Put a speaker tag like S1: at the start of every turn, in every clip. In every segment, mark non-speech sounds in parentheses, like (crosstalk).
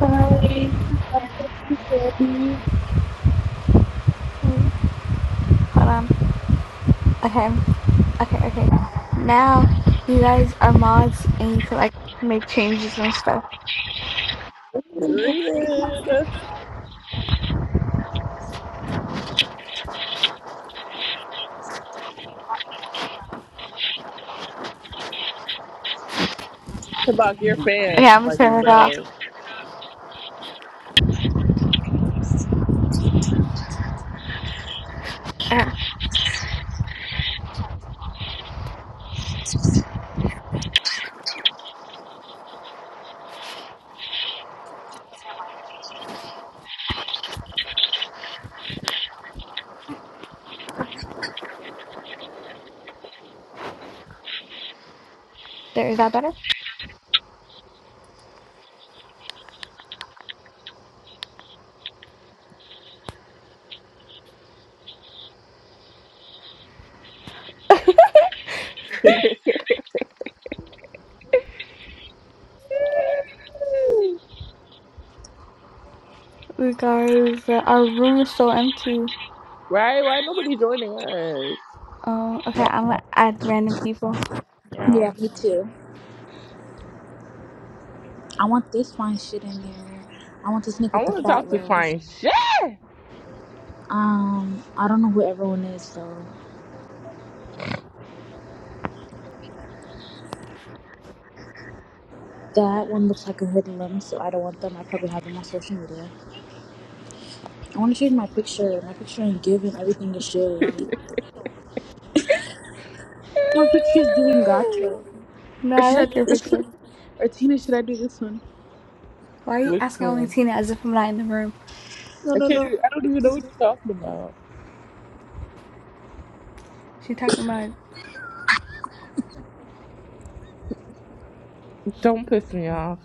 S1: Hi, I'm here for the candy.
S2: Hold on. Okay. Okay. Okay. Now you guys are mods and you can like make changes and stuff.
S1: Period. About your
S2: Okay,
S1: fans,
S2: I'm gonna
S1: like
S2: turn it off.
S1: bro.
S2: Uh, There, is that better? We guys, uh, our room is so empty.
S1: Right? Why nobody joining us?
S2: Um. Okay, I'm gonna add random people.
S1: Yeah.
S3: Yeah, me too. I want this fine shit in there. I want this nigga
S1: I
S3: with the
S1: wanna
S3: fat
S1: talk to
S3: rose.
S1: fine shit.
S3: Um, I don't know who everyone is though. That one looks like a hoodlum, so I don't want them. I probably have them on social media. I want to change my picture. My picture ain't giving everything is shit. My picture's doing gotcha.
S2: No,
S3: Or
S2: I
S3: should I
S2: like
S3: do
S2: your
S3: this
S2: picture.
S3: one? (laughs) Or Tina, should I do this one?
S2: Why are you
S1: Which
S2: asking only
S1: one?
S2: Tina as if I'm not in the room?
S3: No,
S1: I
S3: no,
S1: can't
S3: no.
S1: even, I don't even know what you're talking about.
S2: She talking about. it.
S1: Don't piss me off.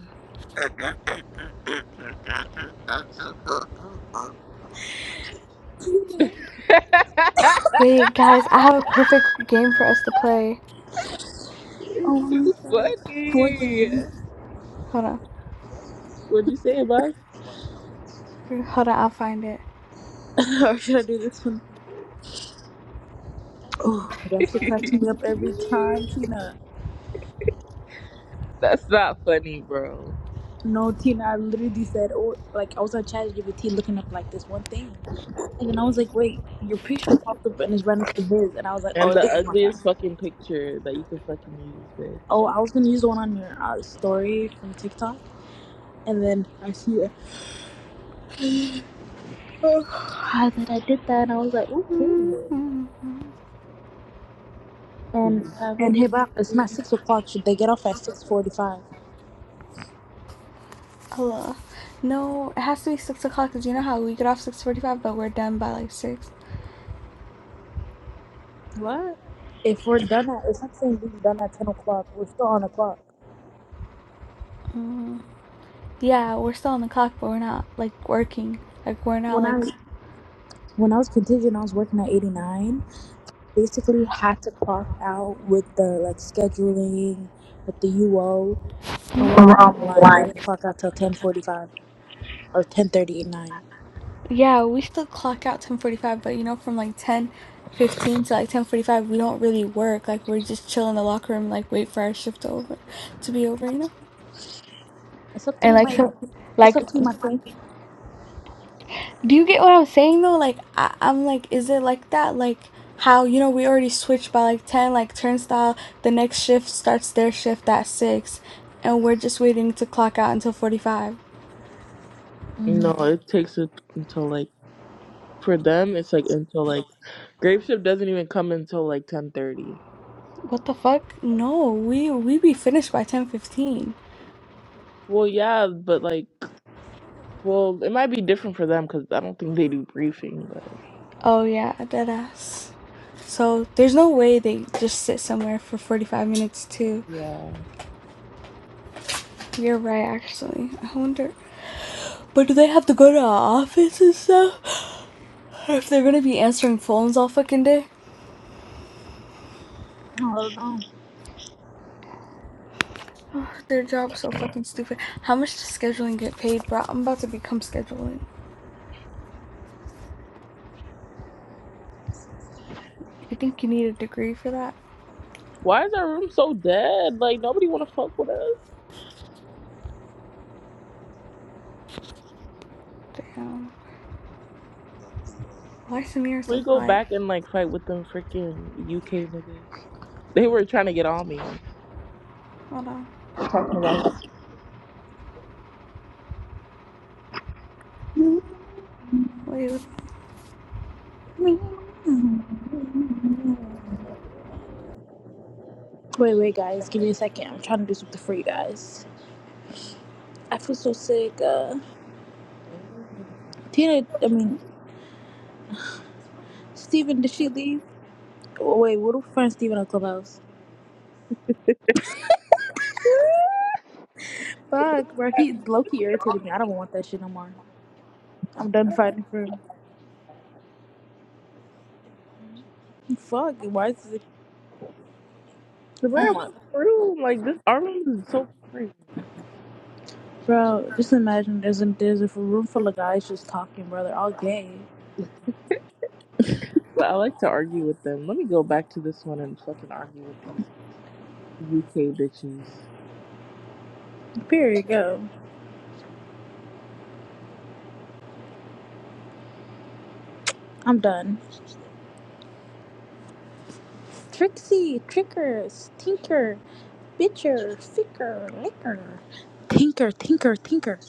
S1: (laughs)
S2: Wait, guys, I have a perfect game for us to play.
S1: it's
S3: Oh my
S1: too
S3: god. Who
S1: funny.
S3: again?
S2: Hold on.
S1: What'd you say, Buck?
S2: Hold on, I'll find it.
S3: (laughs) or should I do this one? Oh, that
S1: (laughs)
S3: shit cracks me up every time, Tina.
S1: That's not funny, bro.
S3: No, Tina, I literally said, oh, like, I was on ChatGPT looking up, like, this one thing. And then I was like, wait, your picture popped up and it's right next to his. And I was like,
S1: And
S3: oh,
S1: the
S3: this is my time.
S1: ugliest fucking picture that you could fucking use,
S3: Oh, I
S1: bitch.
S3: was going to use the one on your uh, story from TikTok. And then I see it. Oh, I was like, I did that. And I was like, oh, period.
S2: Mm-hmm.
S1: Do
S3: And,
S1: you have
S3: and
S1: any?
S3: hey, Bop, it's not 6 o'clock. Should they get off at 6.45?
S2: Hello. No, it has to be six o'clock because you know how we get off six forty-five, but we're done by like six.
S3: What? If we're done at, it's not saying we're done at 10 o'clock. We're still on the clock.
S2: Mm. Yeah, we're still on the clock, but we're not like working. Like we're not
S3: When
S2: like
S3: I, when I was contingent, I was working at 89. basically had to clock out with the like scheduling with the UO, but we're
S2: We're
S3: all
S2: all
S3: online. They
S2: live.
S3: didn't clock out till ten forty five or ten thirty at nine.
S2: yeah, we still clock out ten forty-five, but you know from like ten fifteen to like ten forty-five, we don't really work. Like we're just chill in the locker room, like wait for our shift to over to be over. You know.
S3: It's up to
S2: And
S3: you,
S2: like
S3: my.
S2: so,
S3: It's
S2: like
S3: up to you, my queen.
S2: Do you get what I'm saying though? Like I, I'm like, is it like that? Like how you know we already switched by like ten, like turnstile. The next shift starts their shift at six, and we're just waiting to clock out until forty five.
S3: Mm-hmm.
S1: No, it takes it until like for them, it's like until like Graveship doesn't even come until like ten thirty.
S2: What the fuck? No, we we be finished by ten fifteen.
S1: Well, yeah, but like, well, it might be different for them because I don't think they do briefing. But
S2: Oh yeah, dead ass. So there's no way they just sit somewhere for forty five minutes too.
S1: yeah,
S2: You're right, actually. I wonder. But do they have to go to our office and stuff? Or if they're gonna be answering phones all fucking day?
S3: Oh,
S2: (sighs) Oh, Their job's so fucking stupid. How much does scheduling get paid, bro? I'm about to become scheduling. You think you need a degree for that?
S1: why is our room so dead? Like nobody want to fuck with us.
S2: Damn. Why is Samir so
S1: We go
S2: quiet?
S1: back and like fight with them freaking UK niggas. They were trying to get on me,
S2: Hold on.
S1: talking about.
S3: no.
S2: Wait, what
S3: Wait, wait, guys, give me a second. I'm trying to do something for you guys. I feel so sick. Uh, Tina, I mean, Steven, did she leave? Oh, wait, what do we find Steven on Clubhouse?
S1: (laughs)
S3: Fuck, bro, he low key irritated me. I don't want that shit no more. I'm done fighting for fuck. Why is it?
S1: The
S3: Oh
S1: real
S3: my,
S1: room, like this, our room is so boring.
S3: bro. Just imagine there's a there's a room full of guys just talking, brother. All gay.
S1: But I like to argue with them. Let me go back to this one and fucking argue with these UK bitches.
S3: Period. Go. I'm done. Trixie, tricker, stinker, bitcher, ficker, licker, tinker, tinker, tinker.